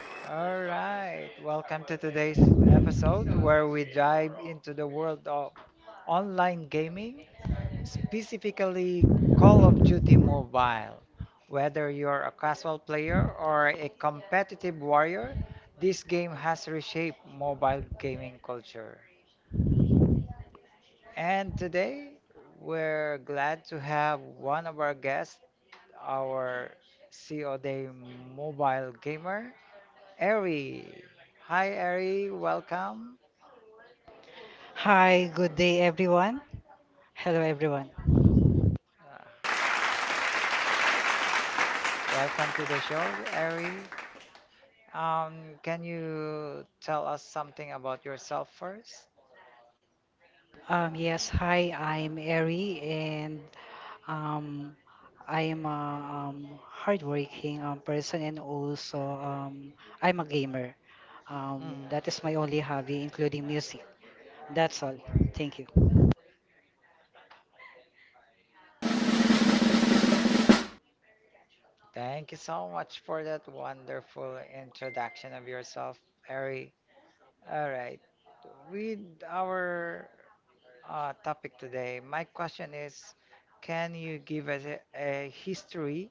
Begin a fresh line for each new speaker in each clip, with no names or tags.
All right, welcome to today's episode where we dive into the world of online gaming, specifically Call of Duty Mobile. Whether you're a casual player or a competitive warrior, this game has reshaped mobile gaming culture. And today we're glad to have one of our guests, our COD mobile gamer, Eri. Hi, Eri. Welcome.
Hi, good day everyone. Hello everyone.
Uh, Welcome to the show, Eri. Can you tell us something about yourself first?
Yes, hi, I'm Eri and um, I am a hardworking person and also I'm a gamer.
Mm.
That is my only hobby, including music. That's all. Thank you.
Thank you so much for that wonderful introduction of yourself, Eri. All right. With our topic today. My question is, can you give us a history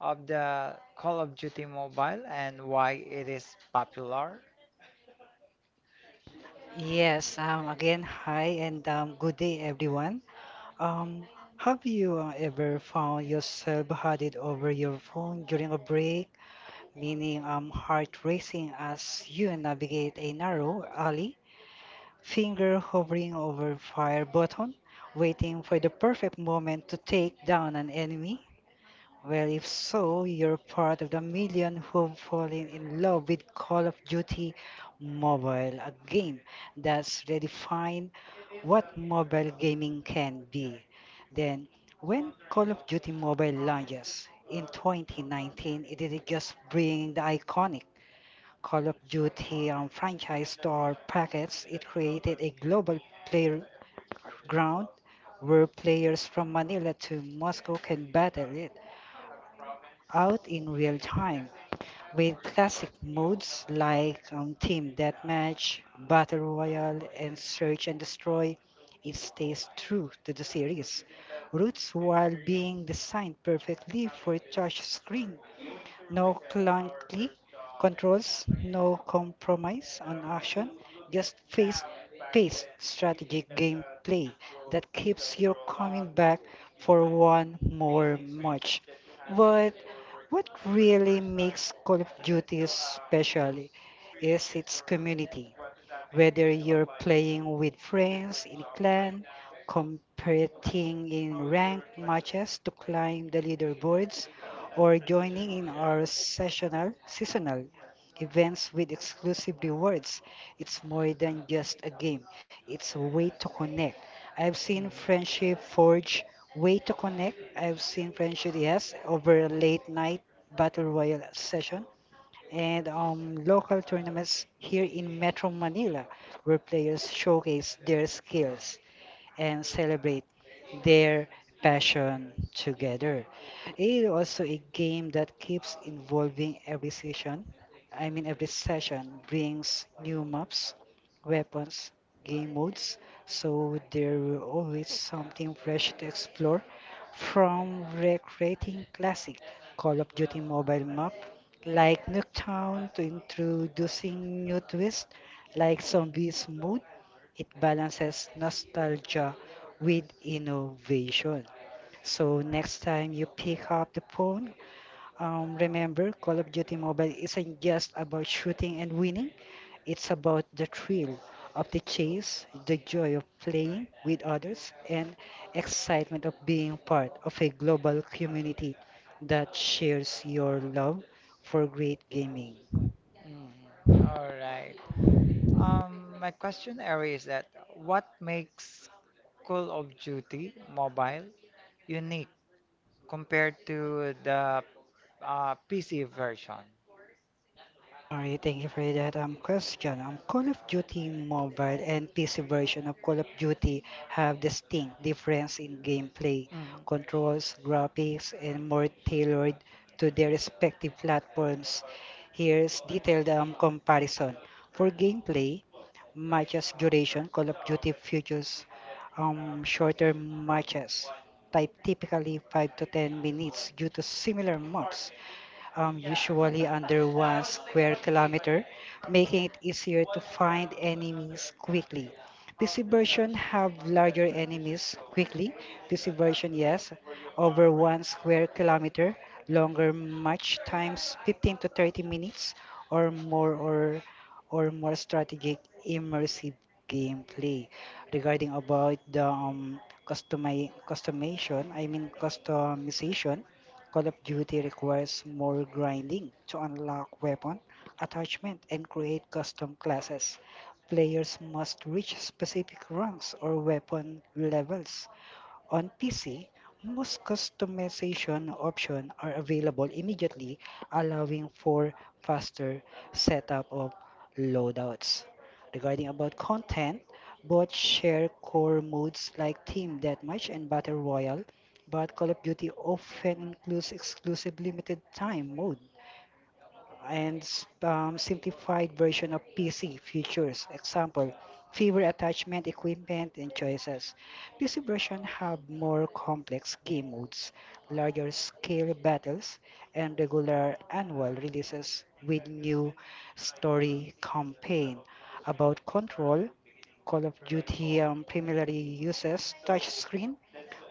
of the Call of Duty Mobile and why it is popular?
Yes, again, hi and good day, everyone. Um, have you ever found yourself huddled over your phone during a break, meaning heart racing as you navigate a narrow alley, finger hovering over fire button, waiting for the perfect moment to take down an enemy? Well, if so, you're part of the million who've fallen in love with Call of Duty Mobile, a game that's redefined what mobile gaming can be. Then, when Call of Duty Mobile launches in 2019, it didn't just bring the iconic Call of Duty franchise to our packets, it created a global playground where players from Manila to Moscow can battle it out in real time with classic modes like Team Deathmatch, Battle Royale, and Search and Destroy. It stays true to the series roots while being designed perfectly for touch screen. No clunky controls, no compromise on action, just face paced strategic gameplay that keeps you coming back for one more match. But what really makes Call of Duty special is its community whether you're playing with friends in clan, competing in ranked matches to climb the leaderboards, or joining in our sessional, seasonal events with exclusive rewards. It's more than just a game, it's a way to connect. I've
Mm,
seen friendship forge way to connect. I've seen friendship, yes, over a late night battle royale session and local tournaments here in Metro Manila, where players showcase their skills and celebrate their passion together. It is also a game that keeps involving every session. I mean, every session brings new maps, weapons, game modes, so there will always something fresh to explore from recreating classic Call of Duty mobile map like Nuketown to introducing new twists like Zombies Mode it balances nostalgia with innovation. So next time you pick up the phone, remember Call of Duty Mobile isn't just about shooting and winning. It's about the thrill of the chase, the joy of playing with others, and excitement of being part of a global community that shares your love for great gaming.
mm, all right. My question area is that what makes Call of Duty Mobile unique compared to the PC version?
Alright, thank you for that question. Call of Duty Mobile and PC version of Call of Duty have distinct difference in gameplay,
Mm.
controls, graphics, and more tailored to their respective platforms. Here's detailed comparison. For gameplay, matches duration, Call of Duty features shorter matches, type typically 5 to 10 minutes due to similar maps usually under one square kilometer, making it easier to find enemies quickly. PC version have larger enemies quickly. PC version, yes, over one square kilometer, longer match times 15 to 30 minutes or more or or more strategic immersive gameplay. Regarding about the customization, I mean customization, Call of Duty requires more grinding to unlock weapon attachment and create custom classes. Players must reach specific ranks or weapon levels on PC, most customization options are available immediately, allowing for faster setup of loadouts. Regarding about content, both share core modes like Team Deathmatch and Battle Royale, but Call of Duty often includes exclusive limited time mode and simplified version of PC features. Example, fewer attachment equipment and choices. PC version have more complex game modes, larger scale battles, and regular annual releases with new story campaign about control, Call of Duty primarily uses touchscreen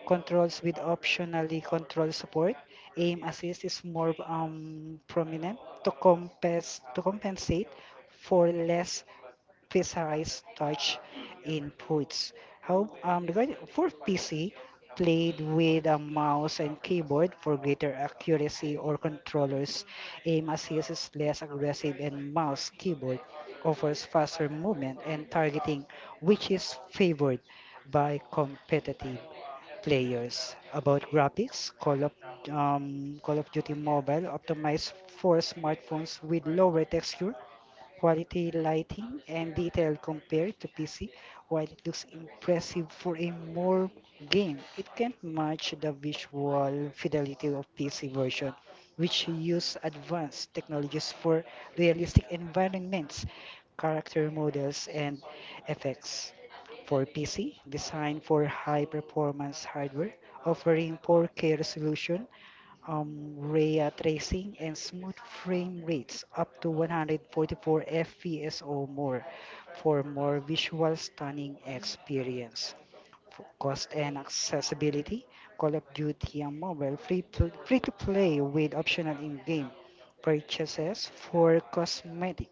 controls with optionally control support, aim assist is more prominent to compensate for less precise touch inputs. How regarding for PC, played with a mouse and keyboard for greater accuracy or controllers, aim assist is less aggressive and mouse keyboard offers faster movement and targeting, which is favored by competitive players about graphics. Call of Duty Mobile optimized for smartphones with lower texture quality lighting and detail compared to PC, while it looks impressive for a more game, it can't match the visual fidelity of PC version, which use advanced technologies for realistic environments, character models, and effects. For PC, designed for high performance hardware, offering 4K resolution ray tracing, and smooth frame rates up to 144 FPS or more for more visual stunning experience. For cost and accessibility, Call of Duty on mobile free, free to play with optional in-game purchases for cosmetic.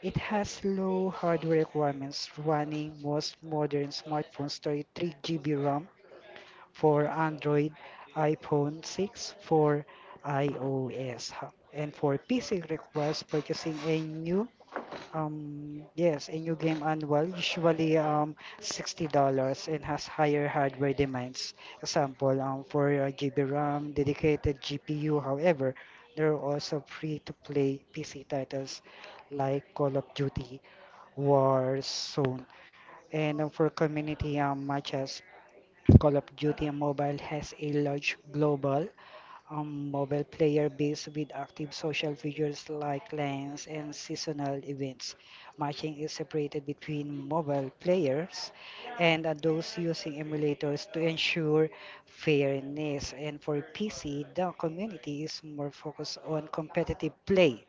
It has low hardware requirements running most modern smartphones 33 GB RAM for Android, iPhone 6 for iOS. Ha. And for PC requires purchasing a new yes, a new game annual, usually $60 and has higher hardware demands. Example, for GB RAM, dedicated GPU. However, there are also free-to-play PC titles like Call of Duty, Warzone, and for community matches Call of Duty Mobile has a large global mobile player base with active social features like clans and seasonal events. Matching is separated between mobile players and those using emulators to ensure fairness. And for PC, the community is more focused on competitive play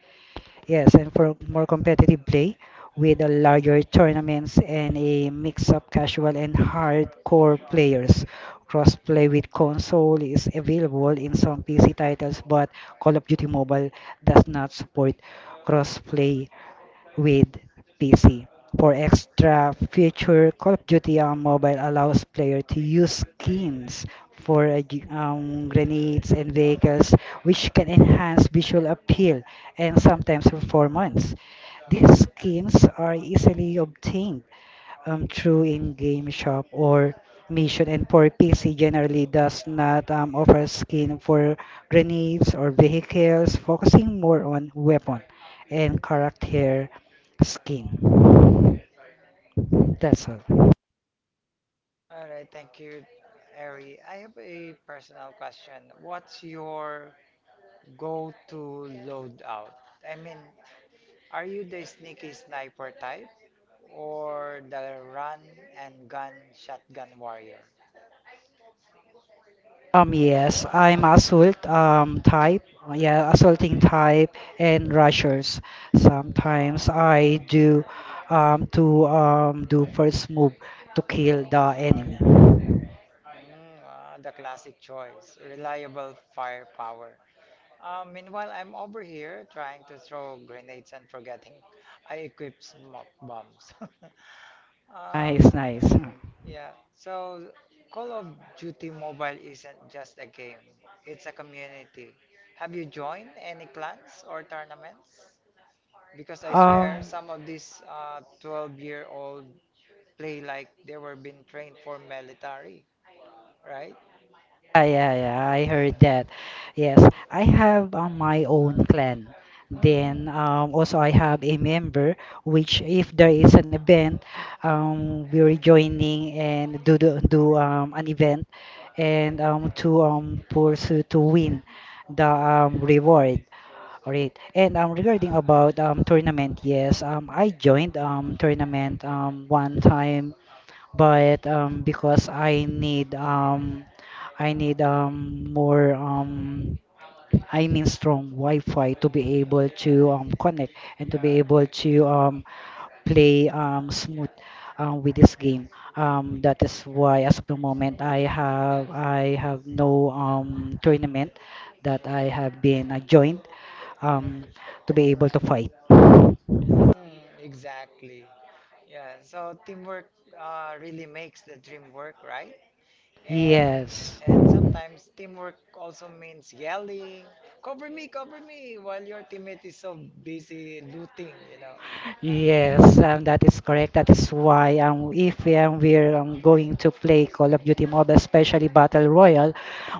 Yes, and for more competitive play with a larger tournaments and a mix of casual and hardcore players. Crossplay with console is available in some PC titles, but Call of Duty Mobile does not support crossplay with PC. For extra feature, Call of Duty on mobile allows player to use skins for grenades and vehicles, which can enhance visual appeal and sometimes performance. These skins are easily obtained through in game shop or mission and for PC generally does not offer skin for grenades or vehicles, focusing more on weapon and character skin. That's all.
All right, thank you, Ari. I have a personal question. What's your go-to loadout? I mean, are you the sneaky sniper type or the run and gun shotgun warrior?
Yes, I'm assault type. Yeah, assaulting type and rushers. Sometimes
Ah,
I do to do first move to kill the enemy.
mm, ah, the classic choice, reliable firepower. Meanwhile, I'm over here trying to throw grenades and forgetting I equip smoke bombs.
Nice,
Um,
nice.
Yeah, so Call of Duty Mobile isn't just a game, it's a community. Have you joined any clans or tournaments? Because I
Um,
swear some of these 12-year-old play like they were being trained for military, right?
Yeah, yeah, yeah. I heard that. Yes, I have my own clan.
Hmm.
Then also I have a member which if there is an event, we're joining and do an event and to pursue to win the reward. All right. And regarding about tournament, yes, I joined tournament one time but because I need more I mean strong Wi-Fi to be able to connect and to be able to play smooth with this game. That is why as of the moment I have no tournament that I have been joined um to be able to fight.
Mm, exactly. Yeah, so teamwork really makes the dream work, right? And
Yes.
and sometimes teamwork also means yelling, "Cover me, cover me!" while your teammate is so busy looting, you know.
Yes, that is correct. That is why if we're going to play Call of Duty Mobile, especially Battle Royale,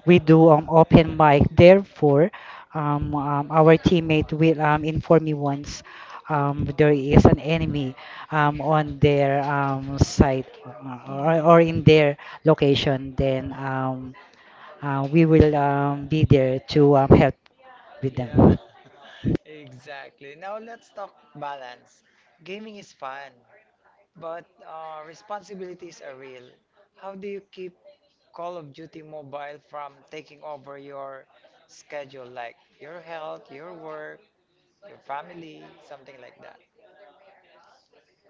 we do open mic. Therefore, our teammate will inform me once there is an enemy on their site or or
Mhm.
in their location. Then we will be there to help with
Yeah,
them.
exactly. Now let's talk balance. Gaming is fun, but responsibilities are real. How do you keep Call of Duty Mobile from taking over your schedule, like your health, your work, your family, something like that?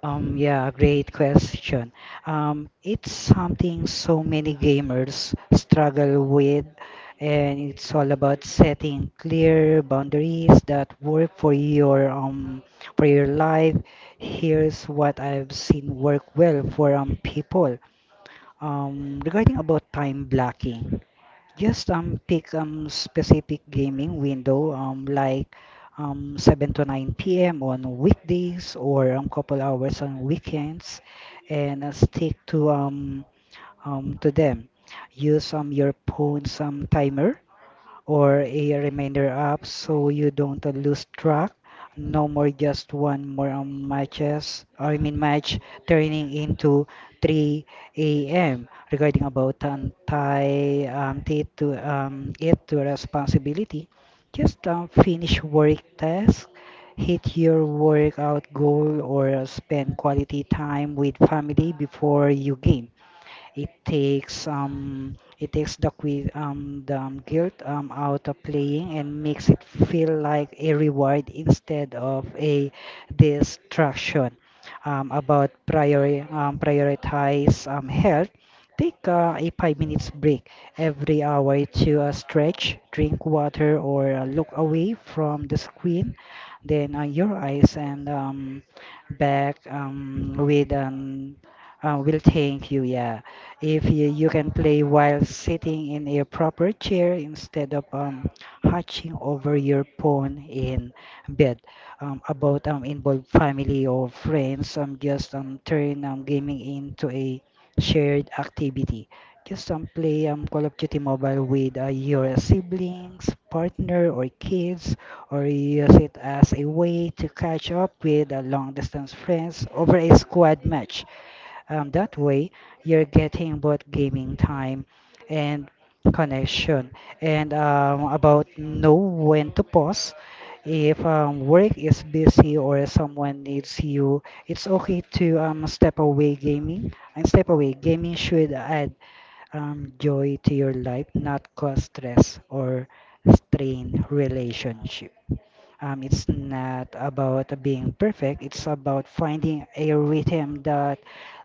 Yeah, great question. It's something so many gamers struggle with, and it's all about setting clear boundaries that work for your life. Here's what I've seen work well for people. Regarding about time blocking. Just pick specific gaming window like 7 to 9 p.m. on weekdays or couple hours on weekends and stick to them. Use your phone's timer or a reminder app so you don't lose track. No more just one more matches, or I mean match turning into 3 a.m. regarding about anti to responsibility. Just finish work task, hit your workout goal, or spend quality time with family before you game. It takes the guilt out of playing and makes it feel like a reward instead of a distraction. About prioritize health. Take a 5 minutes break every hour to stretch, drink water, or look away from the screen. Then your eyes and back with will thank you. Yeah, if you can play while sitting in a proper chair instead of hunching over your phone in bed. About involved family or friends, just turn gaming into a shared activity. Just play Call of Duty Mobile with your siblings, partner, or kids, or use it as a way to catch up with long distance friends over a squad match. That way, you're getting both gaming time and connection. And about know when to pause. If work is busy or someone needs you, it's okay to step away gaming. And step away, gaming should add joy to your life, not cause stress or strain relationship. It's not about being perfect, it's about finding a rhythm that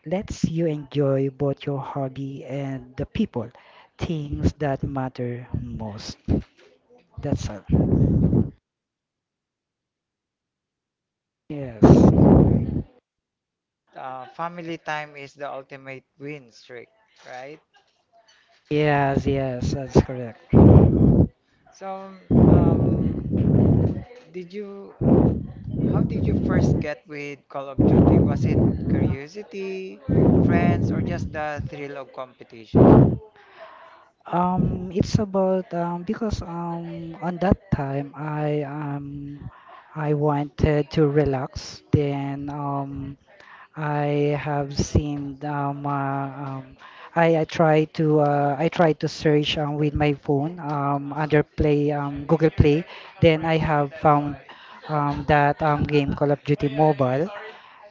lets you enjoy both your hobby and the people, things that matter most. That's all. Yes.
But family time is the ultimate win streak, right? Uh,
Yes, yes, that's correct.
so, um, did you, how did you first get with Call of Duty? Was it curiosity, friends, or just the thrill of competition?
It's about because on that time I wanted to relax. Then I have seen I try to I try to search with my phone under Play Google Play. Then I have found that game Call of Duty Mobile.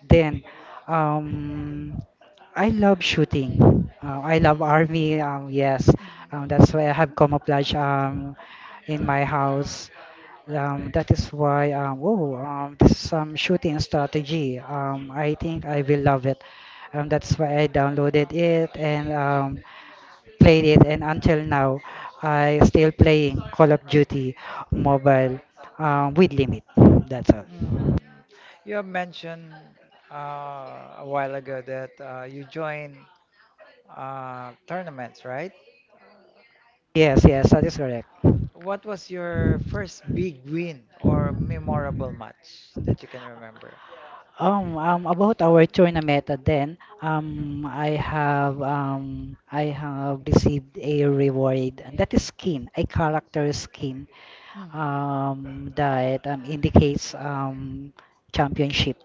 Then um, I love shooting. I love
Mm.
army. Yes,
Mm.
that's why I have camouflage in my house. That is why this some shooting strategy. I think I will love it. That's why I downloaded it and played it. And until now, I still playing Call of Duty mobile with limit. That's all.
Mm. You have mentioned a while ago that you join tournaments, right?
Yes, yes, that is correct.
What was your first big win or memorable match that you can remember?
About our China meta then, I have received a reward. That is skin, a character skin
Mhm.
that indicates championship.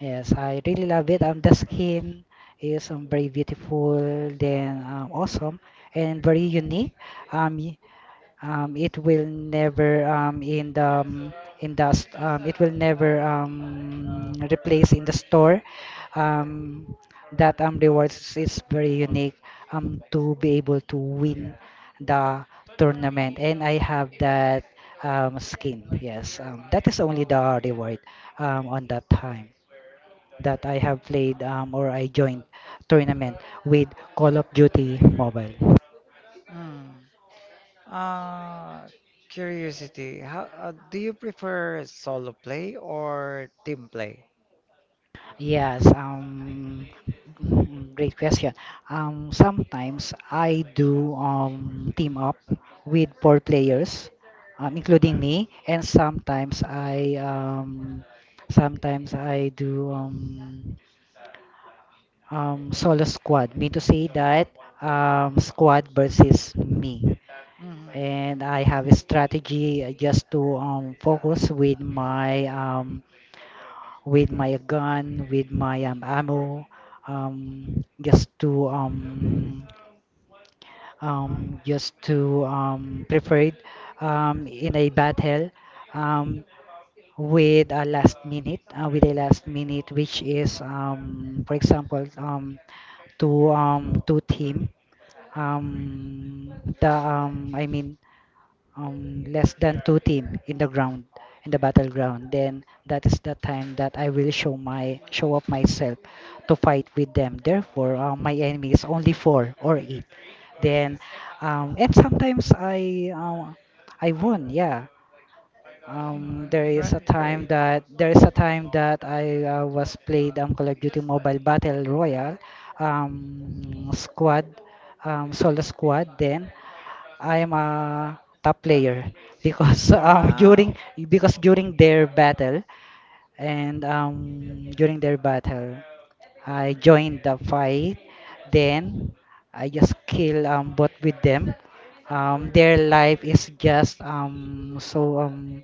Yes, I really love it. The skin is very beautiful, then awesome, and very unique. Um, y- it will never in the in it will never replace in the store um, that rewards is very unique to be able to win the tournament, and I have that skin. Yes, that is only the reward on that time that I have played or I joined tournament with Call of Duty Mobile.
Mm. Uh, curiosity. How do you prefer solo play or team play?
Yes, great question. Sometimes I do team up with four players, including me, and sometimes I do solo squad. Mean to say that squad versus me,
Mhm.
and I have a strategy just to focus with my gun, with my ammo, um, just to um, just to prepare it in a battle um, with a last minute, which is, for example, two team. Um, the I mean less than two team in the ground in the battleground. Then that is the time that I will show up myself to fight with them. Therefore my enemy is only four or eight, then and sometimes I won. Yeah,
Mhm, right, great.
there is a time that I was played Call of Duty Mobile battle royale squad, solo squad. Then I am a top player because
Wow.
during their battle, and during their battle I joined the fight. Then I just kill both with them. Their life is just um so um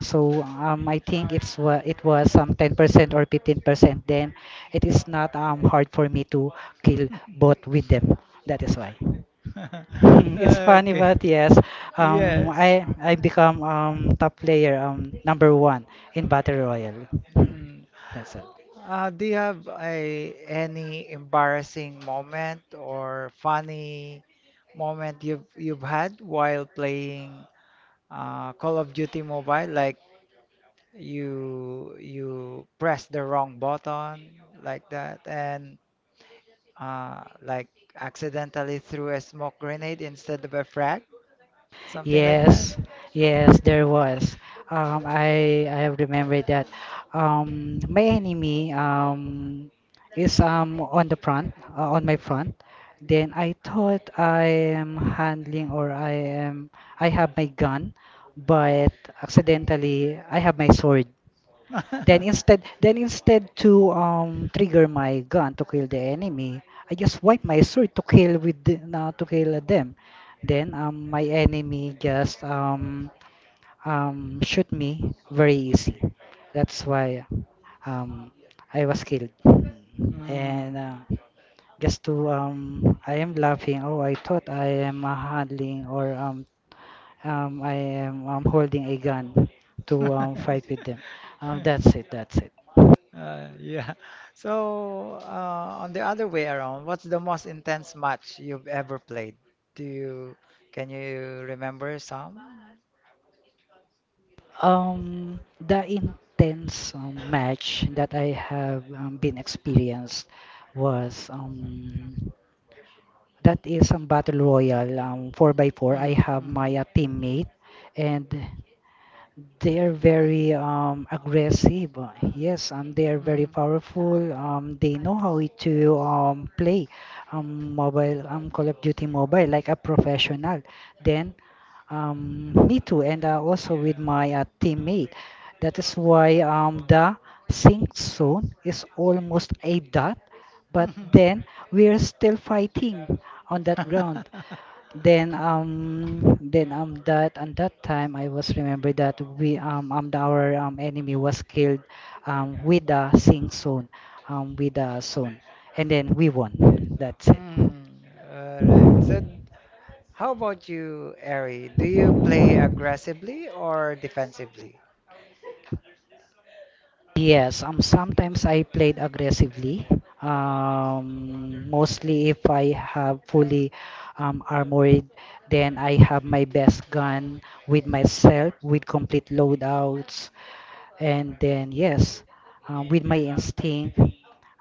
so um I think it was 10% or 15%. Then it is not hard for me to kill both with them. That is why. Mm, it's funny,
Okay.
but yes, um,
Yes.
I I become top player, number one in battle royale. Mm,
Mm.
that's it.
Do you have a any embarrassing moment or funny moment you've had while playing Call of Duty Mobile? Like you press the wrong button like that, and like accidentally threw a smoke grenade instead of a frag, something like that.
Yes, yes, there was. Um, I have remembered that. My enemy is on the front, on my front. Then I thought I am handling, or I am, I have my gun, but accidentally I have my sword. Then instead to trigger my gun to kill the enemy, I just wipe my sword to kill with the, na to kill them. Then my enemy just shoot me very easy. That's why um I was killed. And
Mm.
just to I am laughing. Oh, I thought I am handling, or I am holding a gun to fight with them. That's it. That's it.
Yeah. So, on the other way around, what's the most intense match you've ever played? Do you, can you remember some?
The intense match that I have been experienced was that is a battle royal 4 by 4. I
Mhm,
have my
mhm,
teammate, and they are very aggressive. Yes, they are very
mhm,
powerful. They know how to play mobile, Call of Duty Mobile like a professional. Then, me too, and also with my teammate. That is why the sync zone is almost a dot, but
mhm.
then we are still fighting on that ground. Then That on that time I was remember that we our enemy was killed with the Sing Soon, with the Soon, and then we won. That's it.
Mm, all right. How about you, Eri? Do you play aggressively or defensively?
Yes, sometimes I played aggressively. Mostly if I have fully armored, then I have my best gun with myself with complete loadouts. And then, yes, with my instinct,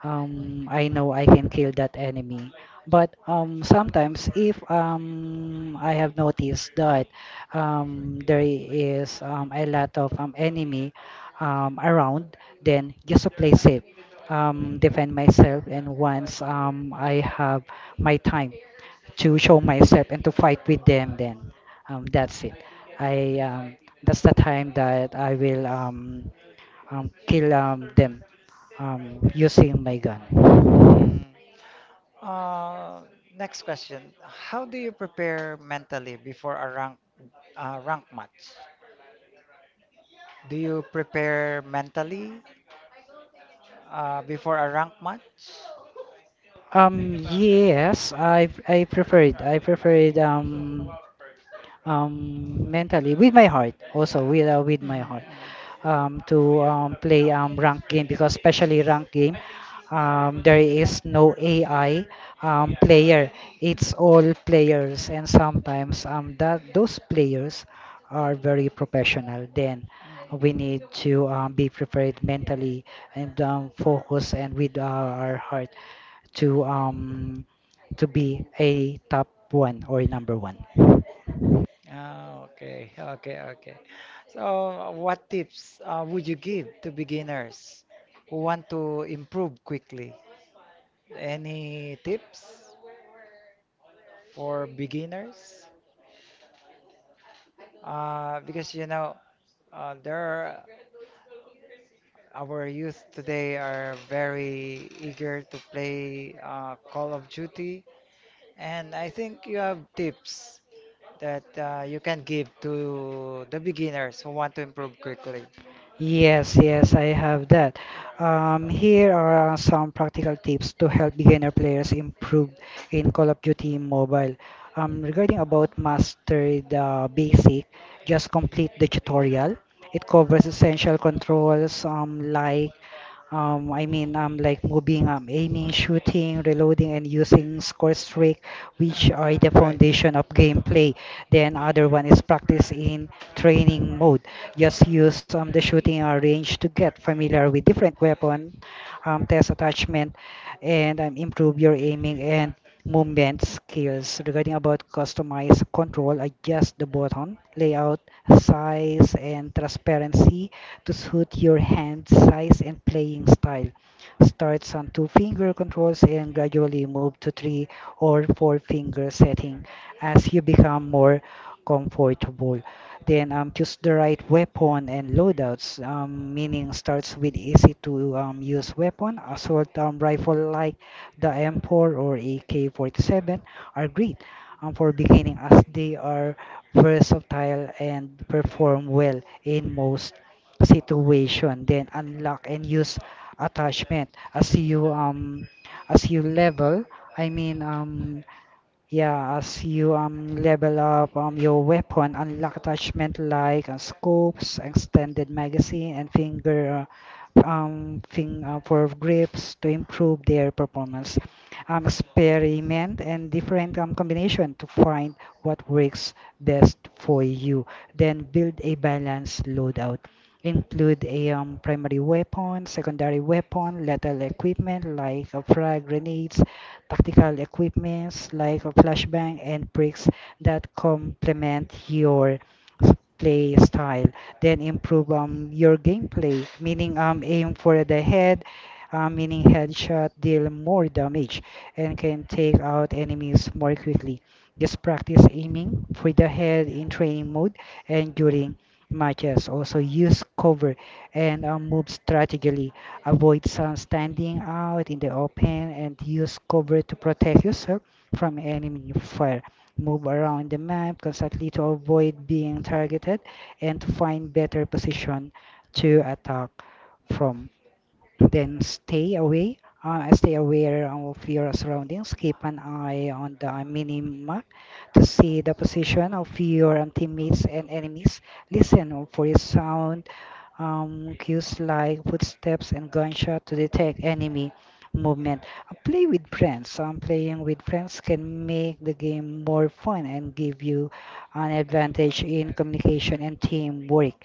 I know I can kill that enemy. But sometimes, if I have noticed that there is a lot of enemy around, then just to play safe, defend myself. And once I have my time to show myself and to fight with them, then that's it. I That's the time that I will kill them using my gun.
Mm. Uh, next question. How do you prepare mentally before a rank rank match? Do you prepare mentally before a rank match?
Yes, I preferred mentally with my heart, also with my
Mm-hmm.
heart to play ranked game, because especially ranked game there is no AI player. It's all players, and sometimes that those players are very professional. Then we need to be prepared mentally and focus, and with our heart to um, to be a top one or number one.
Ah, okay, okay, okay. So, what tips would you give to beginners who want to improve quickly? Any tips for beginners? Because you know, uh, there are, our youth today are very eager to play Call of Duty, and I think you have tips that you can give to the beginners who want to improve quickly.
Yes, yes, I have that. Here are some practical tips to help beginner players improve in Call of Duty Mobile. Regarding about master the basic, just complete the tutorial. It covers essential controls I mean, like moving, aiming, shooting, reloading, and using score streak,
Mm,
which are the
right, right.
foundation of gameplay. Then other one is practice in training mode. Just use the shooting range to get familiar with different weapon, test attachment, and improve your aiming and movement skills. Regarding about customize control, adjust the button layout, size, and transparency to suit your hand size and playing style. Starts on two finger controls and gradually move to three or four finger setting as you become more comfortable. Then choose the right weapon and loadouts, meaning starts with easy to use weapon. Assault rifle like the M4 or AK-47 are great for beginning, as they are versatile and perform well in most situation. Then unlock and use attachment as you level, i mean um yeah, as you level up your weapon, unlock attachment like scopes, extended magazine, and finger thing for grips to improve their performance. Experiment and different combination to find what works best for you. Then build a balanced loadout. Include a primary weapon, secondary weapon, lethal equipment like a frag, grenades, tactical equipments like a flashbang and pricks that complement your play style. Then improve your gameplay, meaning aim for the head, meaning headshot deal more damage and can take out enemies more quickly. Just practice aiming for the head in training mode and during matches. Also use cover and move strategically. Avoid sun standing out in the open and use cover to protect yourself from enemy fire. Move around the map constantly to avoid being targeted and to find better position to attack from. Then stay aware of your surroundings. Keep an eye on the minimap to see the position of your teammates and enemies. Listen for sound cues like footsteps and gunshot to detect enemy movement. Play with friends. Playing with friends can make the game more fun and give you an advantage in communication and teamwork.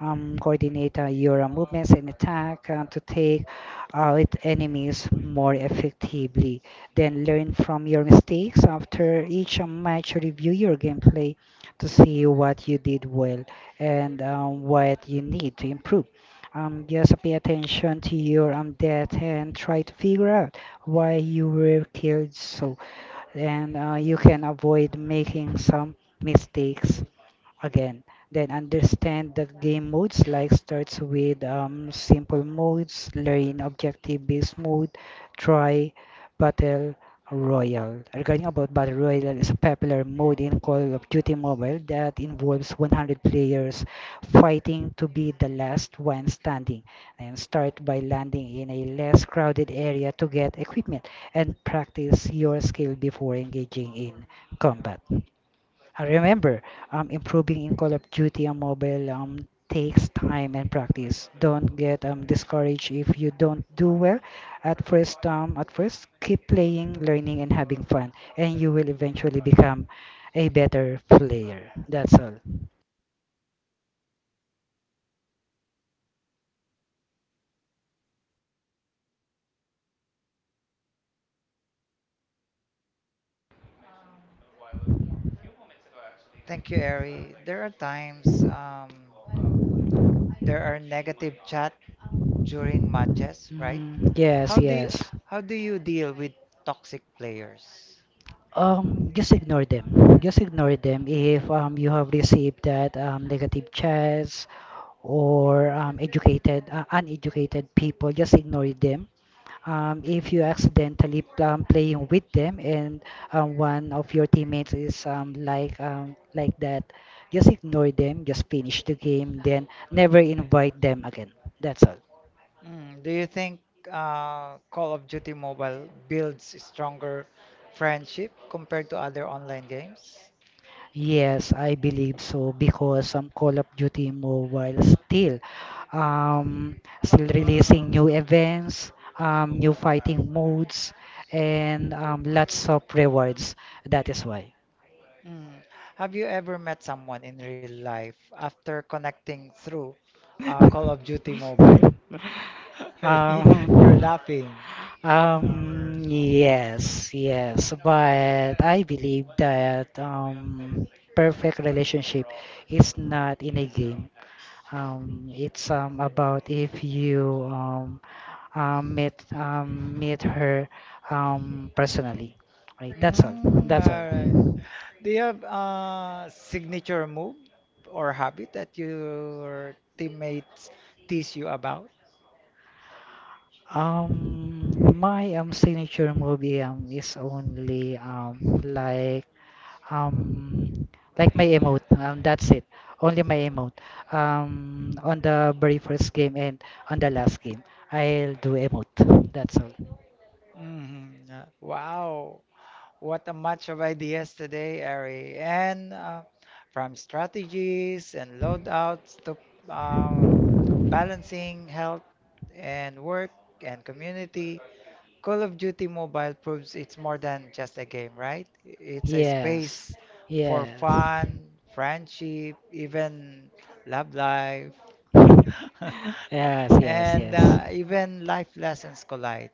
Coordinate your movements and attack to take out enemies more effectively. Then learn from your mistakes after each match. Review your gameplay to see what you did well and what you need to improve. Just pay attention to your death and try to figure out why you were killed, so and you can avoid making some mistakes again. Then understand the game modes like starts with simple modes, learn objective-based mode, try battle royale. Regarding about battle royale, is a popular mode in Call of Duty Mobile that involves 100 players fighting to be the last one standing. And start by landing in a less crowded area to get equipment and practice your skill before engaging in combat. Remember, improving in Call of Duty on mobile takes time and practice. Don't get discouraged if you don't do well at first. Keep playing, learning, and having fun, and you will eventually become a better player. That's all.
Thank you, Eri. There are times there are negative chat during matches, right?
Mm, yes,
How do you,
yes.
how do you deal with toxic players?
Just ignore them. Just ignore them if you have received that negative chats or uneducated people. Just ignore them if you accidentally playing with them, and one of your teammates is like that, just ignore them, just finish the game, then never invite them again. That's all.
Mm, do you think Call of Duty Mobile builds stronger friendship compared to other online games?
Yes, I believe so, because Call of Duty Mobile still still releasing new events, new fighting modes, and lots of rewards. That is why.
Mm. Have you ever met someone in real life after connecting through Call of Duty Mobile? You're
Um,
laughing.
yes, yes, but I believe that perfect relationship is not in a game. It's about if you meet her personally. Right, that's all.
Mm,
That's
all right.
all.
Do you have a signature move or habit that your teammates tease you about?
My signature movie is only Um, like my emote. That's it. Only my emote. On the very first game and on the last game, I'll do emote. That's all.
Mhm. Wow. What a match of ideas today, Ari. And from strategies and loadouts to uh, balancing health and work and community, Call of Duty Mobile proves it's more than just a game, right? It's a
Yes.
space for
Yes.
fun, friendship, even love life.
Yes, yes,
And
yes.
even life lessons collide.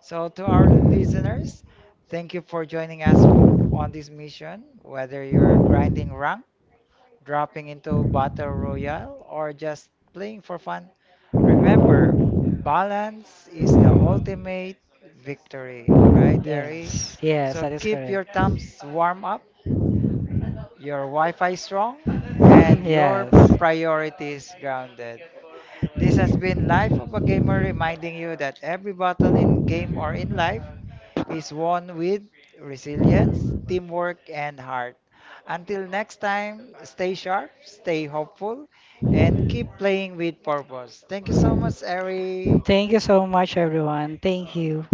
So, to our listeners, thank you for joining us on this mission. Whether you're grinding rank, dropping into Battle Royale, or just playing for fun, remember balance is the ultimate victory, right, Eri?
Yes. Yes,
So,
that is
keep your
correct.
thumbs warm up, your Wi Fi strong,
Mm,
and your
yes.
priorities grounded. This has been Life of a Gamer reminding you that every battle in game or in life is won with resilience, teamwork, and heart. Until next time, stay sharp, stay hopeful, and keep playing with purpose. Thank you so much, Eri.
Thank you so much, everyone. Thank you.